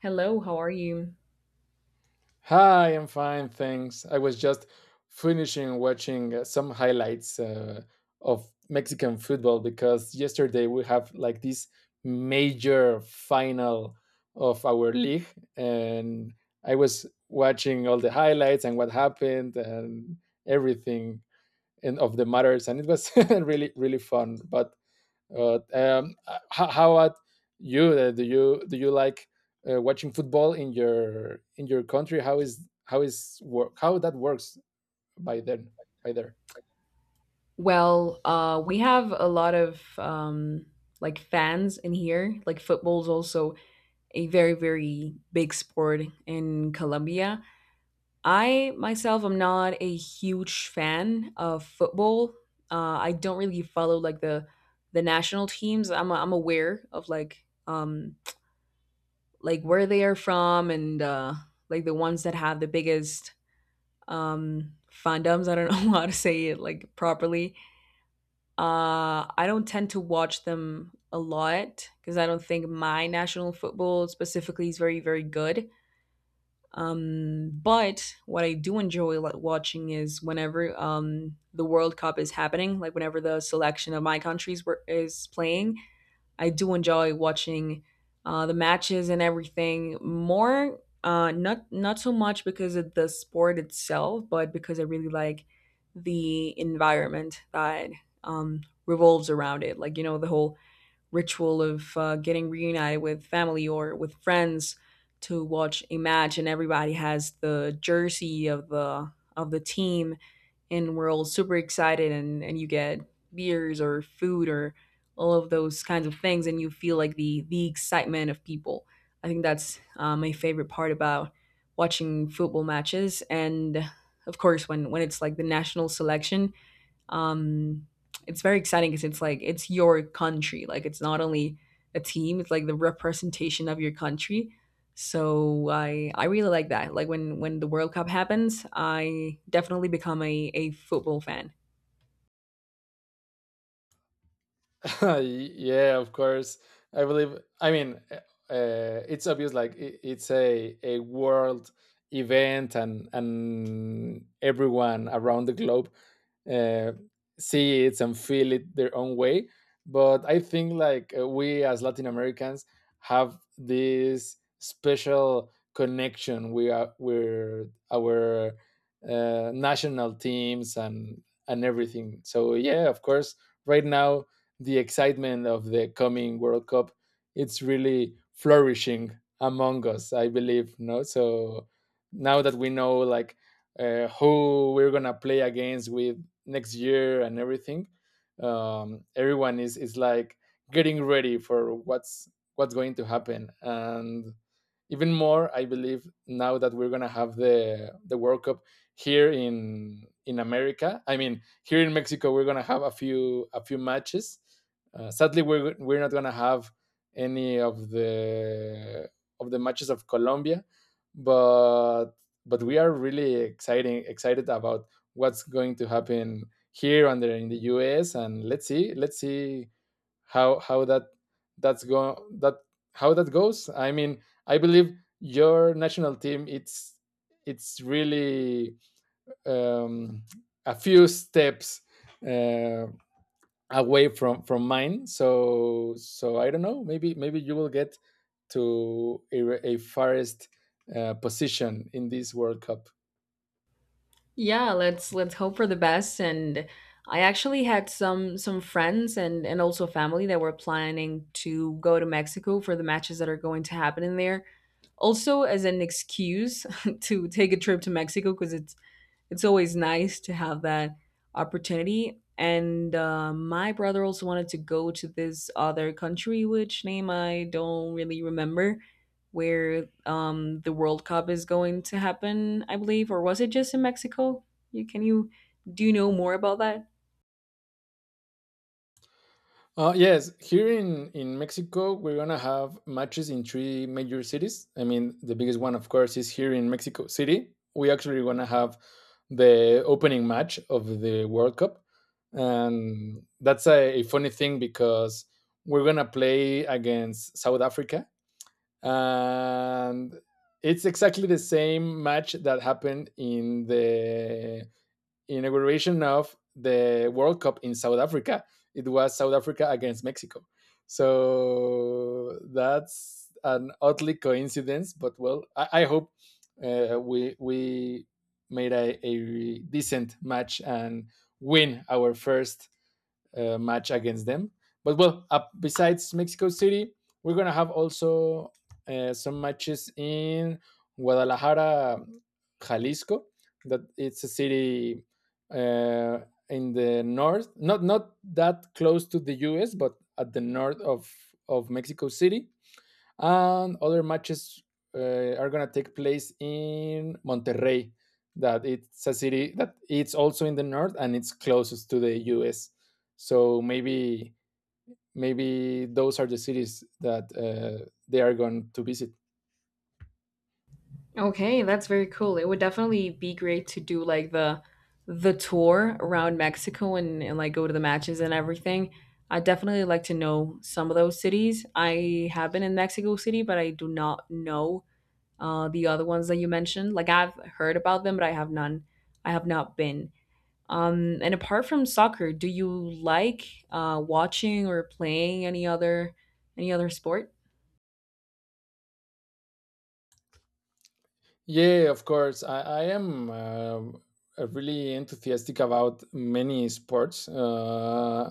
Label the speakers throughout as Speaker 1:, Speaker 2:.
Speaker 1: Hello, how are you?
Speaker 2: Hi, I'm fine, thanks. I was just finishing watching some highlights of Mexican football because yesterday we have like this major final of our league, and I was watching all the highlights and what happened and everything and of the matters, and it was really really fun. But uh, um, h- how about you? Do you like watching football in your country? How is work how that works by then by there?
Speaker 1: Well, we have a lot of like fans in here. Like football's also a very, very big sport in Colombia. I myself am not a huge fan of football. I don't really follow like the national teams. I'm aware of like where they are from and like the ones that have the biggest fandoms. I don't know how to say it like properly. I don't tend to watch them a lot because I don't think my national football specifically is very, very good. But what I do enjoy watching is whenever the World Cup is happening, like whenever the selection of my is playing, I do enjoy watching the matches and everything more. Not so much because of the sport itself, but because I really like the environment that um, revolves around it. Like you know, the whole ritual of getting reunited with family or with friends to watch a match, and everybody has the jersey of the team, and we're all super excited, and you get beers or food or all of those kinds of things, and you feel like the excitement of people. I think that's my favorite part about watching football matches. And of course, when it's like the national selection, um it's very exciting because it's like it's your country, like it's not only a team, it's like the representation of your country. So I really like that. Like when the World Cup happens, I definitely become a football fan.
Speaker 2: Yeah, of course. I believe. I mean, it's obvious. Like it's a world event, and everyone around the globe uh, see it and feel it their own way. But I think like we as Latin Americans have this special connection. We're our national teams and everything. So yeah, of course right now the excitement of the coming World Cup, it's really flourishing among us, I believe. No, so now that we know like who we're gonna play against with next year and everything, everyone is like getting ready for what's going to happen and even more I believe now that we're going to have the World Cup here in America. I mean, here in Mexico, we're gonna have a few matches. Sadly, we're not gonna have any of the matches of Colombia, but but we are really exciting excited about what's going to happen here and there in the US, and let's see how that that's go that how that goes. I mean, I believe your national team it's really um, a few steps uh, away from mine. So so I don't know. Maybe maybe you will get to a farthest position in this World Cup.
Speaker 1: Yeah, let's hope for the best. And I actually had some friends and also family that were planning to go to Mexico for the matches that are going to happen in there, also as an excuse to take a trip to Mexico, because it's always nice to have that opportunity. And my brother also wanted to go to this other country, which name I don't really remember, where the World Cup is going to happen, I believe, or was it just in Mexico? You can you do you know more about that?
Speaker 2: Yes, here in Mexico, we're going to have matches in three major cities. I mean, the biggest one, of course, is here in Mexico City. We actually going to have the opening match of the World Cup. And that's a funny thing because we're going to play against South Africa. And it's exactly the same match that happened in the inauguration of the World Cup in South Africa. It was South Africa against Mexico. So that's an oddly coincidence, but well, I hope we made a decent match and win our first match against them. But well, besides Mexico City, we're gonna have also some matches in Guadalajara, Jalisco. That it's a city uh, in the north, not not that close to the U.S., but at the north of Mexico City and other matches are gonna take place in Monterrey. That it's a city that it's also in the north and it's closest to the U.S. So maybe maybe those are the cities that they are going to visit.
Speaker 1: Okay, that's very cool. It would definitely be great to do like the tour around Mexico, and like go to the matches and everything. I definitely like to know some of those cities. I have been in Mexico City, but I do not know the other ones that you mentioned. Like I've heard about them, but I have none. I have not been. And apart from soccer, do you like watching or playing any other sport?
Speaker 2: Yeah, of course. I am really enthusiastic about many sports.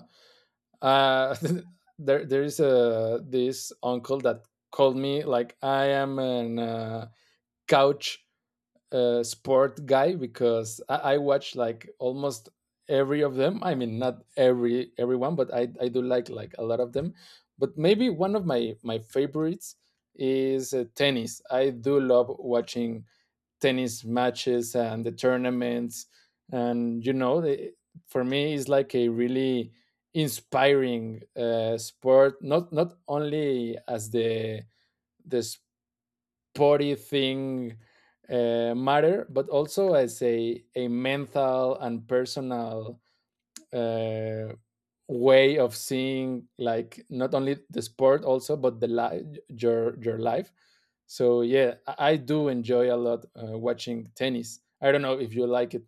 Speaker 2: uh, there is a, this uncle that called me like I am an couch sport guy because I watch like almost every of them. I mean, not everyone, but I do like a lot of them. But maybe one of my favorites is tennis. I do love watching tennis matches and the tournaments, and you know, for me, it's like a really inspiring sport. Not not only as the body thing matter, but also as a mental and personal uh, way of seeing like not only the sport also but the life your life. So yeah, I do enjoy a lot watching tennis. I don't know if you like it.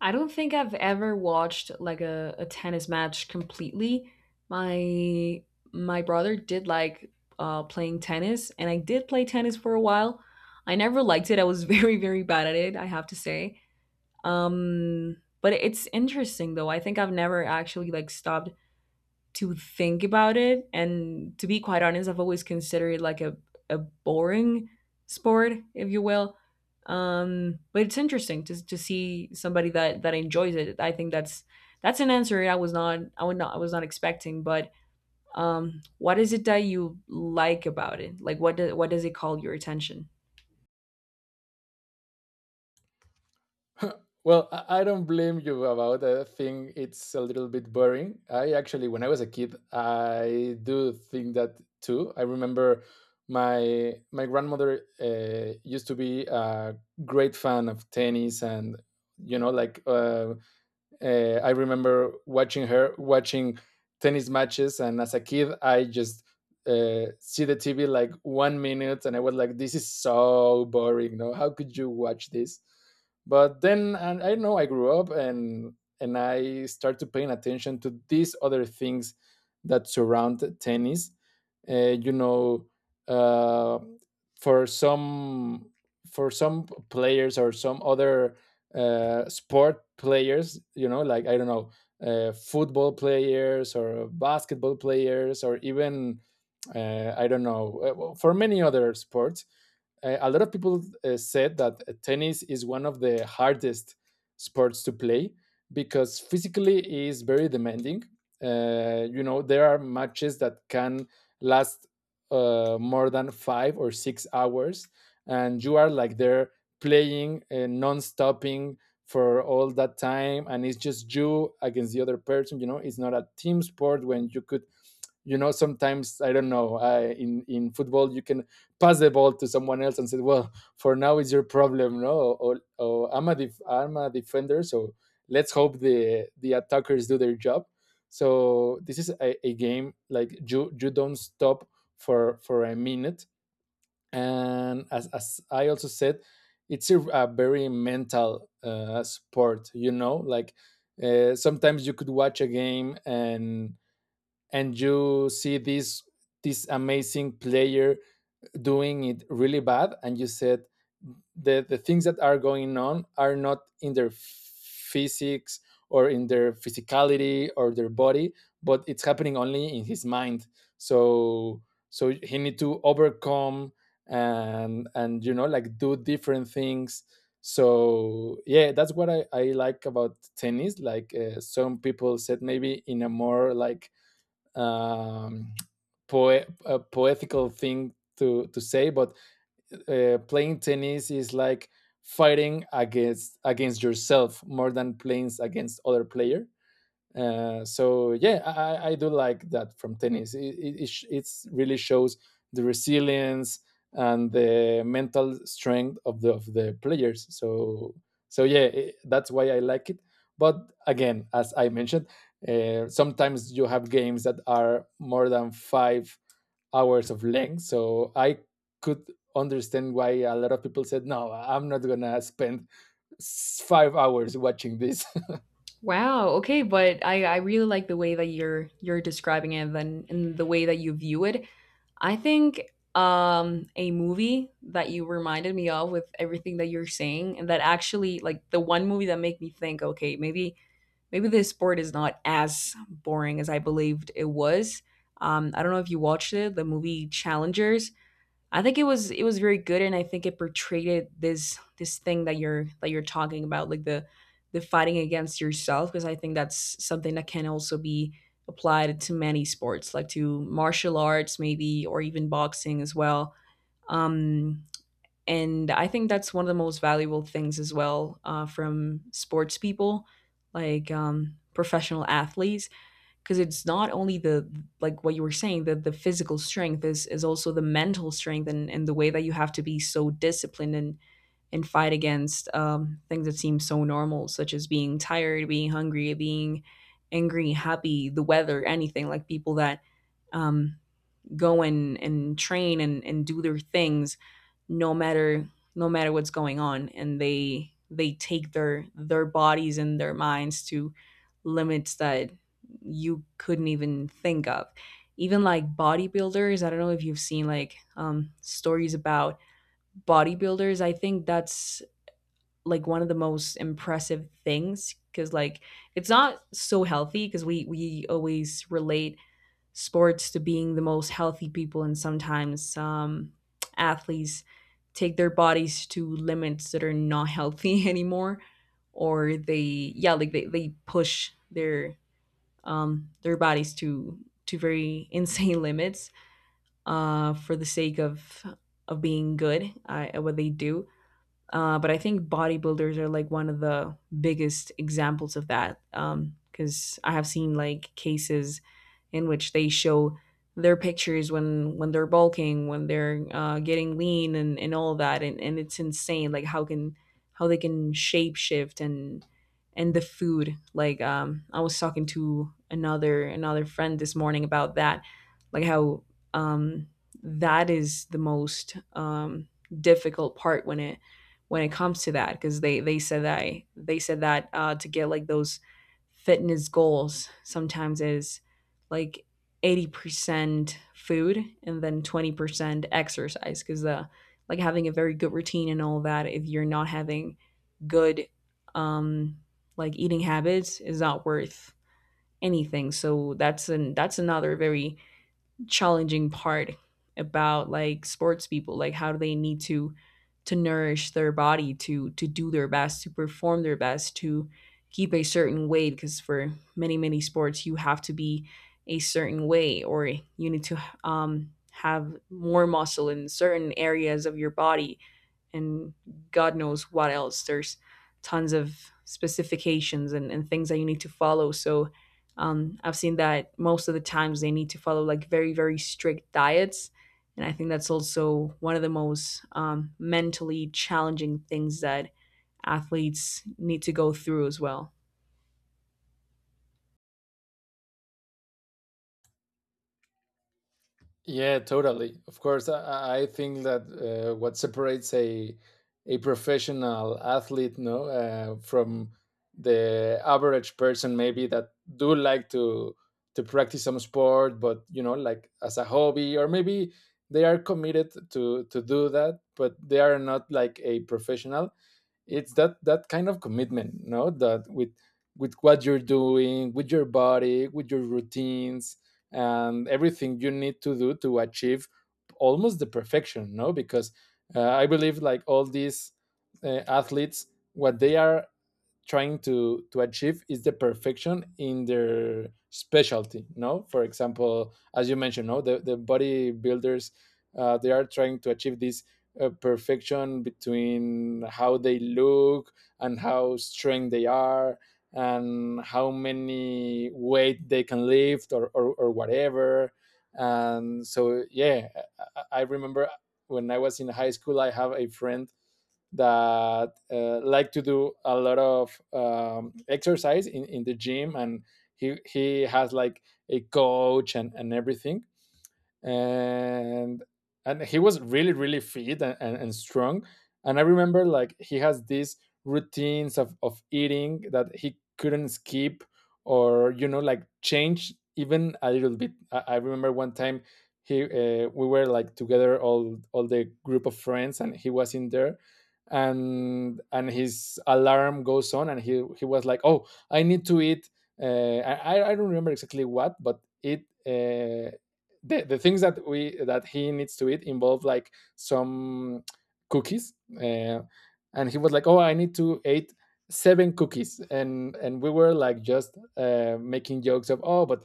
Speaker 1: I don't think I've ever watched like a tennis match completely. My my brother did like playing tennis, and I did play tennis for a while. I never liked it. I was very very bad at it, I have to say. But it's interesting though. I think I've never actually like stopped to think about it. And to be quite honest, I've always considered it like a boring sport, if you will. But it's interesting to see somebody that enjoys it. I think that's an answer I was not expecting. But what is it that you like about it? Like what what does it call your attention?
Speaker 2: Well, I don't blame you about that. I think it's a little bit boring. I actually, when I was a kid, I do think that too. I remember my grandmother used to be a great fan of tennis and you know I remember watching her watching tennis matches, and as a kid, I just see the TV like one minute, and I was like, "This is so boring. No, how could you watch this?" But then, and I don't know, I grew up, and I started paying attention to these other things that surround tennis. You know, uh, for some for some players or some other sport players, you know, like I don't know, football players or basketball players or even I don't know well, for many other sports, a lot of people said that tennis is one of the hardest sports to play because physically it is very demanding. You know, there are matches that can last more than 5 or 6 hours, and you are like there playing non-stopping for all that time, and it's just you against the other person. You know, it's not a team sport when you could you know sometimes I don't know in football you can pass the ball to someone else and say well for now it's your problem, no. Or I'm a defender so let's hope the attackers do their job. So this is a game like you don't stop for a minute, and as I also said, it's a very mental sport. You know, like sometimes you could watch a game and you see this amazing player doing it really bad and you said the things that are going on are not in their physics or in their physicality or their body but it's happening only in his mind. So so he need to overcome and you know like do different things. So yeah, that's what I like about tennis. Like some people said, maybe in a more like um, a poetical thing to say, but playing tennis is like fighting against yourself more than playing against other player. So yeah, I do like that from tennis. It's really shows the resilience and the mental strength of the players. So so yeah, that's why I like it. But again, as I mentioned, sometimes you have games that are more than 5 hours of length. So I could understand why a lot of people said, "No, I'm not gonna spend 5 hours watching this."
Speaker 1: Wow. Okay, but I really like the way that you're describing it, and the way that you view it. I think a movie that you reminded me of with everything that you're saying, and that actually like the one movie that made me think, okay, maybe maybe this sport is not as boring as I believed it was. I don't know if you watched it, the movie Challengers. I think it was very good, and I think it this this thing that you're talking about, like the fighting against yourself, because I think that's something that can also be applied to many sports, like to martial arts maybe, or even boxing as well. Um, and I think that's one of the most valuable things as well, from sports people, like professional athletes, because it's not only the, like what you were saying, that the physical strength is also the mental strength, and the way that you have to be so disciplined and fight against things that seem so normal, such as being tired, being hungry, being angry, happy, the weather, anything. Like people that um, go and train and do their things no matter, no matter what's going on, and they take their bodies and their minds to limits that you couldn't even think of. Even like bodybuilders, I don't know if you've seen like stories about bodybuilders. I think that's like one of the most impressive things, because like it's not so healthy, because we always relate sports to being the most healthy people, and sometimes athletes take their bodies to limits that are not healthy anymore. Or they, yeah, like they push their bodies to very insane limits, for the sake of being good, at what they do. But I think bodybuilders are like one of the biggest examples of that. Because I have seen like cases in which they show their pictures when they're bulking, when they're getting lean, and all that, and it's insane. Like how can how they can shape shift, and the food. Like I was talking to another friend this morning about that, like how um, that is the most difficult part when it comes to that, because they said that to get like those fitness goals sometimes is like 80% food and then 20% exercise. Because the, like having a very good routine and all that, if you're not having good um like eating habits, is not worth anything. So that's an that's another very challenging part about like sports people, like how do they need to nourish their body to do their best, to perform their best, to keep a certain weight. Because for many, many sports you have to be a certain way, or you need to have more muscle in certain areas of your body, and God knows what else. There's tons of specifications, and things that you need to follow. So I've seen that most of the times they need to follow like very, very strict diets. And I think that's also one of the most mentally challenging things that athletes need to go through as well.
Speaker 2: Yeah, totally. Of course, I think that what separates a professional athlete, no, from the average person, maybe that do like to practice some sport, but you know, like as a hobby, or maybe they are committed to do that, but they are not like a professional. It's that that kind of commitment, no, that with what you're doing with your body with your routines and everything you need to do to achieve almost the perfection, no, because I believe like all these athletes what they are trying to achieve is the perfection in their specialty. No, for example, as you mentioned, no, the bodybuilders they are trying to achieve this perfection between how they look and how strong they are and how many weight they can lift or whatever. And so yeah, I remember when I was in high school I have a friend that like to do a lot of exercise in the gym, and he has like a coach and everything, and and he was really really fit and strong. And I remember like he has these routines of eating that he couldn't skip or you know like change even a little bit. I remember one time he we were like together all the group of friends and he was in there and his alarm goes on and he was like, oh, I need to eat I don't remember exactly what, but eat the things that we that he needs to eat involve like some cookies and he was like, oh, I need to eat 7 cookies. And we were like just making jokes of, oh, but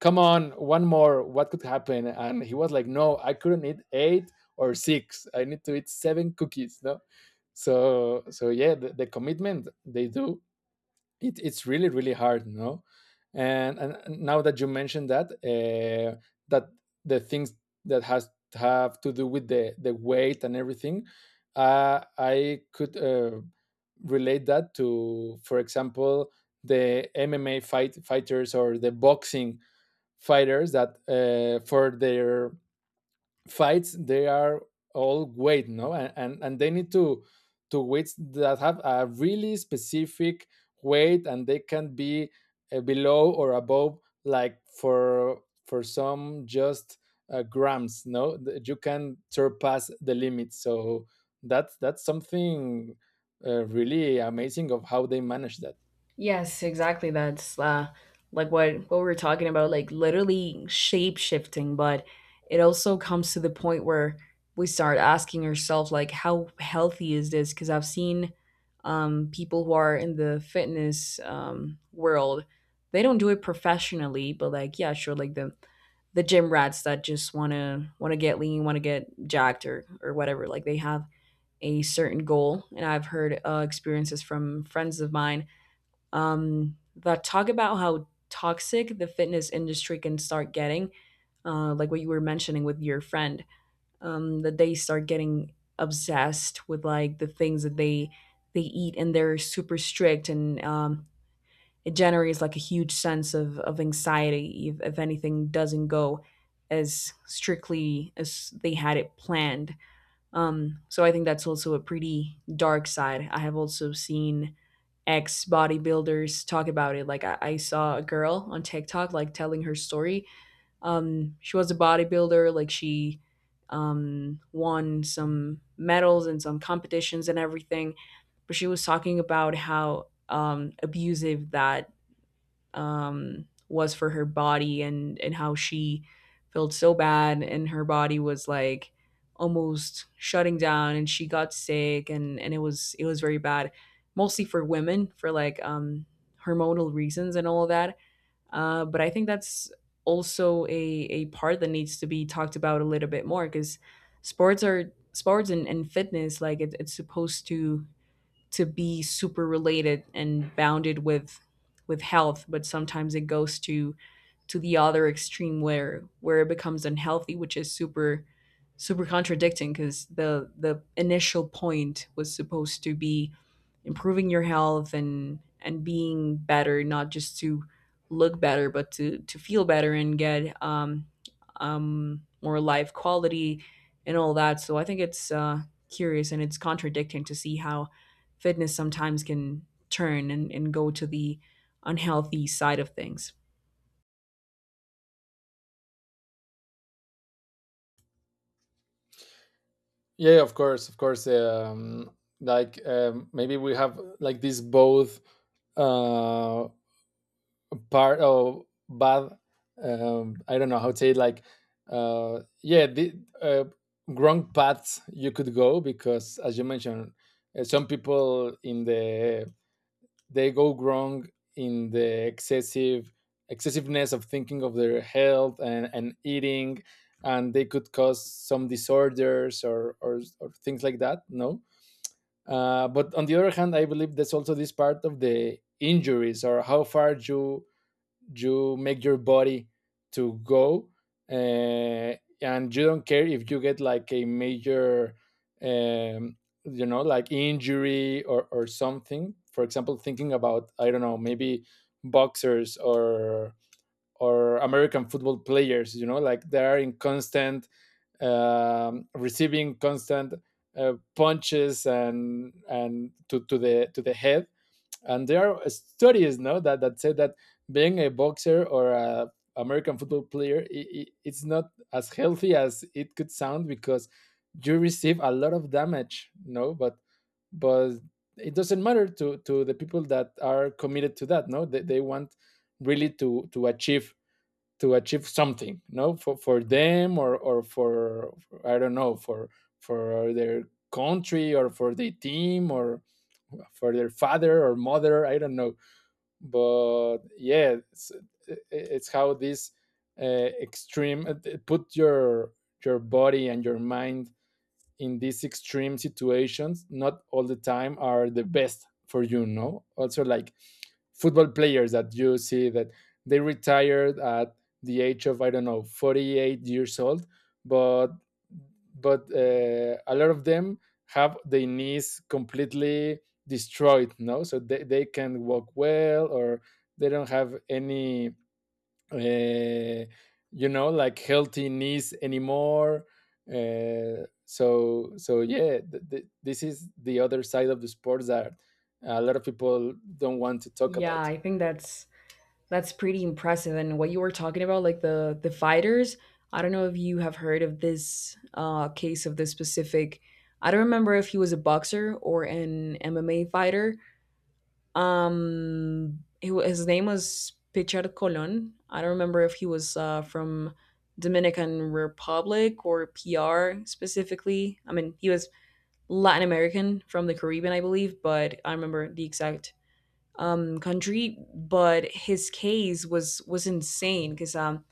Speaker 2: come on, one more, what could happen. And he was like, no, I couldn't eat 8 or 6, I need to eat seven cookies, no. So so yeah, the commitment they do, it's really really hard, no. And, and now that you mentioned that that the things that has have to do with the weight and everything, I could relate that to, for example, the MMA fighters or the boxing fighters that for their fights they are all weight, no, and, and they need to weights that have a really specific weight, and they can be below or above, like for some just grams, no. You can surpass the limit. So that's something really amazing of how they manage that.
Speaker 1: Yes, exactly. That's like what we were talking about, like literally shape shifting. But it also comes to the point where we start asking ourselves, like, how healthy is this? Because I've seen people who are in the fitness world, they don't do it professionally, but like, yeah, sure, like the gym rats that just wanna get lean, wanna get jacked or whatever. Like they have a certain goal, and I've heard experiences from friends of mine, that talk about how toxic the fitness industry can start getting. Like what you were mentioning with your friend, that they start getting obsessed with like the things that they eat, and they're super strict, and it generates like a huge sense of anxiety if anything doesn't go as strictly as they had it planned. So I think that's also a pretty dark side. I have also seen ex bodybuilders talk about it. Like I saw a girl on TikTok like telling her story. She was a bodybuilder. Like she won some medals and some competitions and everything. But she was talking about how abusive that was for her body and how she felt so bad and her body was like almost shutting down, and she got sick, and it was very bad, mostly for women, for like hormonal reasons and all of that. But I think that's also a part that needs to be talked about a little bit more, because sports are sports, and fitness, like it's supposed to be super related and bounded with health, but sometimes it goes to the other extreme where it becomes unhealthy, which is super contradicting because the initial point was supposed to be improving your health and being better, not just to look better, but to feel better and get more life quality and all that. So I think it's curious, and it's contradicting to see how fitness sometimes can turn and go to the unhealthy side of things.
Speaker 2: Yeah, of course, of course. Like, maybe we have like these both uh part of bad, I don't know how to say it, like yeah the uh, wrong paths you could go, because as you mentioned, some people in the, they go wrong in the excessive excessiveness of thinking of their health, and eating, and they could cause some disorders or things like that, no. But on the other hand, I believe there's also this part of the injuries, or how far you you make your body to go, uh, and you don't care if you get like a major, um, you know, like injury, or something. For example, thinking about, I don't know, maybe boxers or American football players, you know, like they are in constant, receiving constant punches, and to the to the head. And there are studies, no, that that say that being a boxer or a American football player, I it's not as healthy as it could sound, because you receive a lot of damage, no. But but it doesn't matter to the people that are committed to that, no. They, they want really to achieve something, no, for for them, or for, I don't know, for their country, or for the team, or for their father or mother, I don't know. But yeah, it's how this extreme, put your body and your mind in these extreme situations, not all the time are the best for you, no. Also, like football players that you see that they retired at the age of, I don't know, 48 years old, but but a lot of them have their knees completely destroyed, no, so they can walk well, or they don't have any uh, you know, like healthy knees anymore. So so yeah, this is the other side of the sports that a lot of people don't want to talk
Speaker 1: Yeah,
Speaker 2: about.
Speaker 1: I think that's pretty impressive. And what you were talking about, like the fighters, I don't know if you have heard of this case of this specific. I don't remember if he was a boxer or an MMA fighter. His name was Pichar Colon. I don't remember if he was from Dominican Republic or PR specifically. I mean, he was Latin American from the Caribbean, I believe, but I remember the exact country. But his case was insane because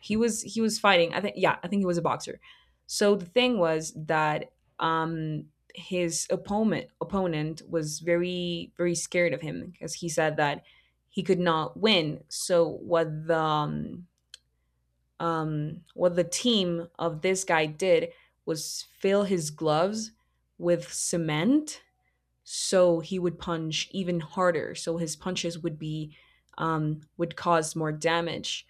Speaker 1: he was fighting. I think yeah, I think he was a boxer. So the thing was that um, his opponent was very scared of him because he said that he could not win. So what the team of this guy did was fill his gloves with cement so he would punch even harder. So his punches would be would cause more damage.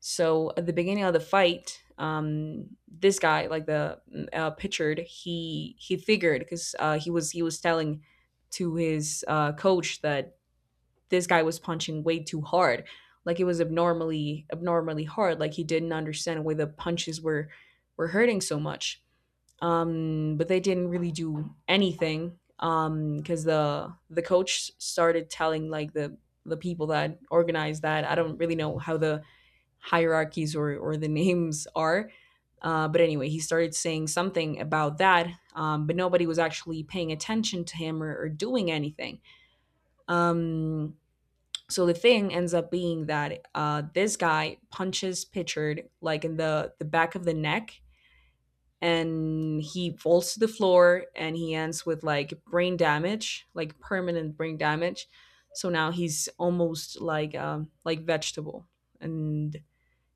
Speaker 1: So at the beginning of the fight, this guy, like the Pitchard, he figured because he was telling to his coach that this guy was punching way too hard, like it was abnormally hard. Like he didn't understand why the punches were hurting so much, but they didn't really do anything because the coach started telling like the people that organized that. I don't really know how the hierarchies or the names are, but anyway, he started saying something about that, but nobody was actually paying attention to him, or doing anything. Um, so the thing ends up being that this guy punches Pitchard like in the back of the neck, and he falls to the floor and he ends with like brain damage, like permanent brain damage. So now he's almost like vegetable, and,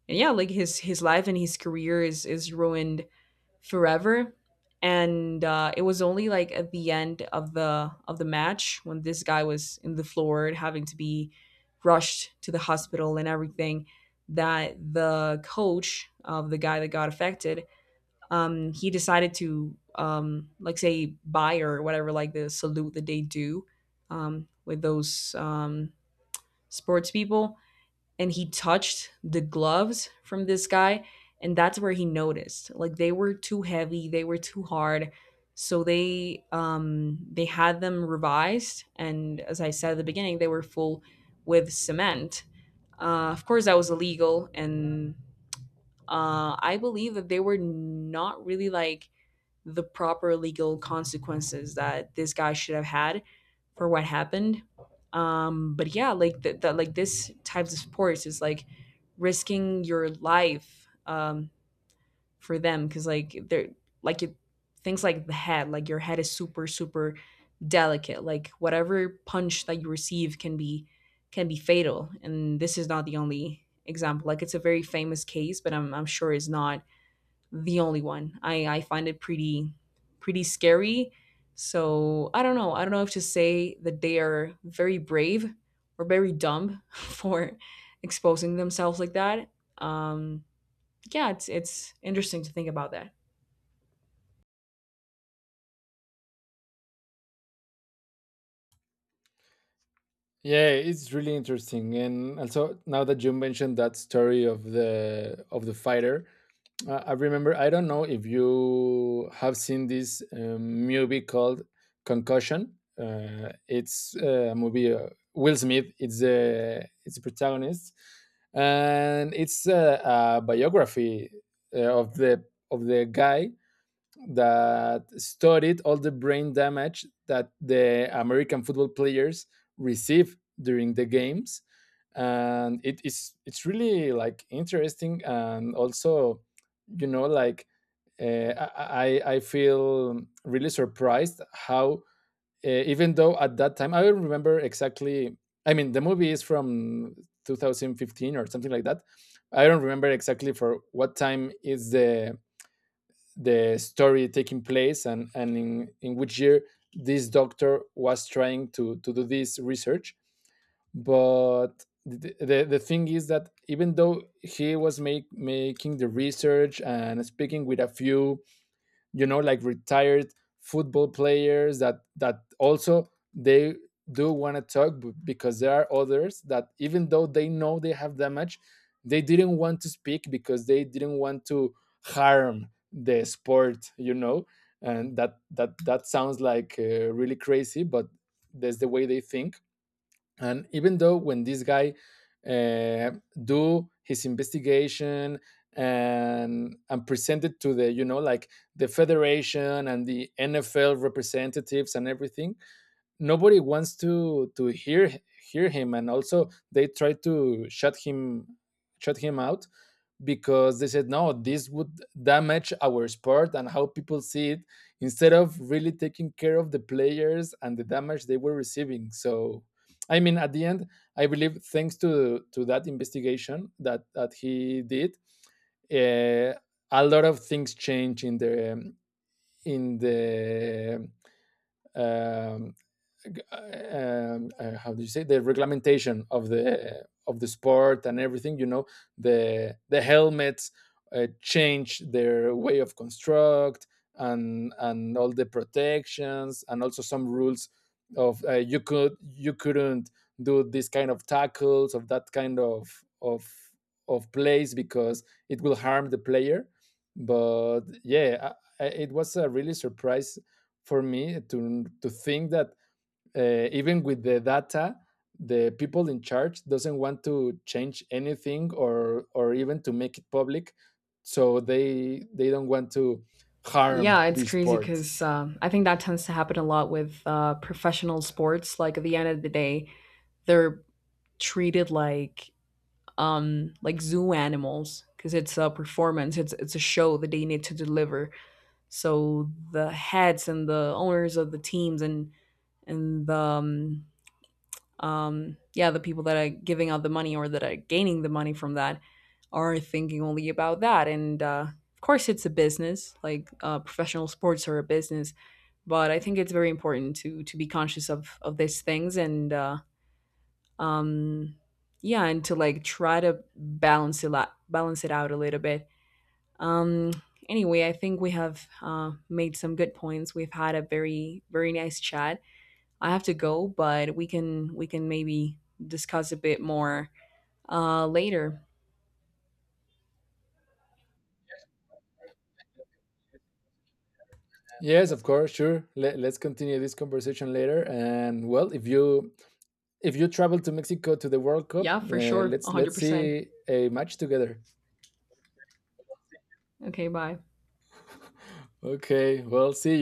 Speaker 1: and yeah, like his life and his career is ruined forever. And it was only like at the end of the match, when this guy was in the floor having to be rushed to the hospital and everything, that the coach of the guy that got affected, he decided to like say buy or whatever, like the salute that they do with those sports people, and he touched the gloves from this guy, and that's where he noticed like they were too heavy, they were too hard. So they had them revised, and as I said at the beginning, they were full with cement. Of course that was illegal, and I believe that they were not really like the proper legal consequences that this guy should have had for what happened. But yeah, like like this types of sports is like risking your life for them, because like they're like things like the head, like your head is super delicate. Like whatever punch that you receive can be fatal, and this is not the only example. Like it's a very famous case, but I'm sure it's not the only one. I find it pretty scary. So I don't know. I don't know if to say that they are very brave or very dumb for exposing themselves like that. Um, yeah, it's interesting to think about that.
Speaker 2: Yeah, it's really interesting. And also, now that you mentioned that story of the fighter, I remember. I don't know if you have seen this movie called Concussion. It's a movie. Will Smith, it's a it's a protagonist, and it's a biography uh, of the of the guy that studied all the brain damage that the American football players receive during the games. And it is, it's really like interesting. And also, you know, like, I feel really surprised how, even though at that time, I don't remember exactly. I mean, the movie is from 2015 or something like that. I don't remember exactly for what time is the story taking place, and in which year this doctor was trying to do this research. But the thing is that, even though he was make, making the research and speaking with a few, you know, like retired football players, that that also they do want to talk, because there are others that even though they know they have damage, they didn't want to speak, because they didn't want to harm the sport, you know. And that that that sounds like really crazy, but that's the way they think. And even though when this guy uh, do his investigation and presented to the, you know, like the federation and the NFL representatives and everything, nobody wants to hear hear him, and also they try to shut him out, because they said, no, this would damage our sport and how people see it, instead of really taking care of the players and the damage they were receiving. So, I mean, at the end, I believe thanks to that investigation that that he did, uh, a lot of things change in the um, how do you say, the reglementation of the sport and everything, you know. The helmets change their way of construct, and all the protections, and also some rules of, you could, you couldn't do this kind of tackles, of that kind of plays, because it will harm the player. But yeah, it was a really surprise for me to think that, even with the data, the people in charge doesn't want to change anything, or even to make it public, so they don't want to harm
Speaker 1: Yeah, it's
Speaker 2: this
Speaker 1: crazy
Speaker 2: sport.
Speaker 1: because I think that tends to happen a lot with professional sports. Like at the end of the day, they're treated like zoo animals, because it's a performance. It's a show that they need to deliver. So the heads and the owners of the teams, and the yeah, the people that are giving out the money or that are gaining the money from that are thinking only about that. And of course, it's a business. Like professional sports are a business, but I think it's very important to be conscious of these things. And um, yeah, and to like try to balance it out a little bit. um, anyway, I think we have made some good points. We've had a very nice chat. I have to go, but we can maybe discuss a bit more later.
Speaker 2: Yes, of course, sure. Let's continue this conversation later. And well, if you, if you travel to Mexico to the World Cup,
Speaker 1: Yeah, for sure, one hundred
Speaker 2: let's
Speaker 1: percent.
Speaker 2: see a match together.
Speaker 1: Okay, bye.
Speaker 2: Okay, well, see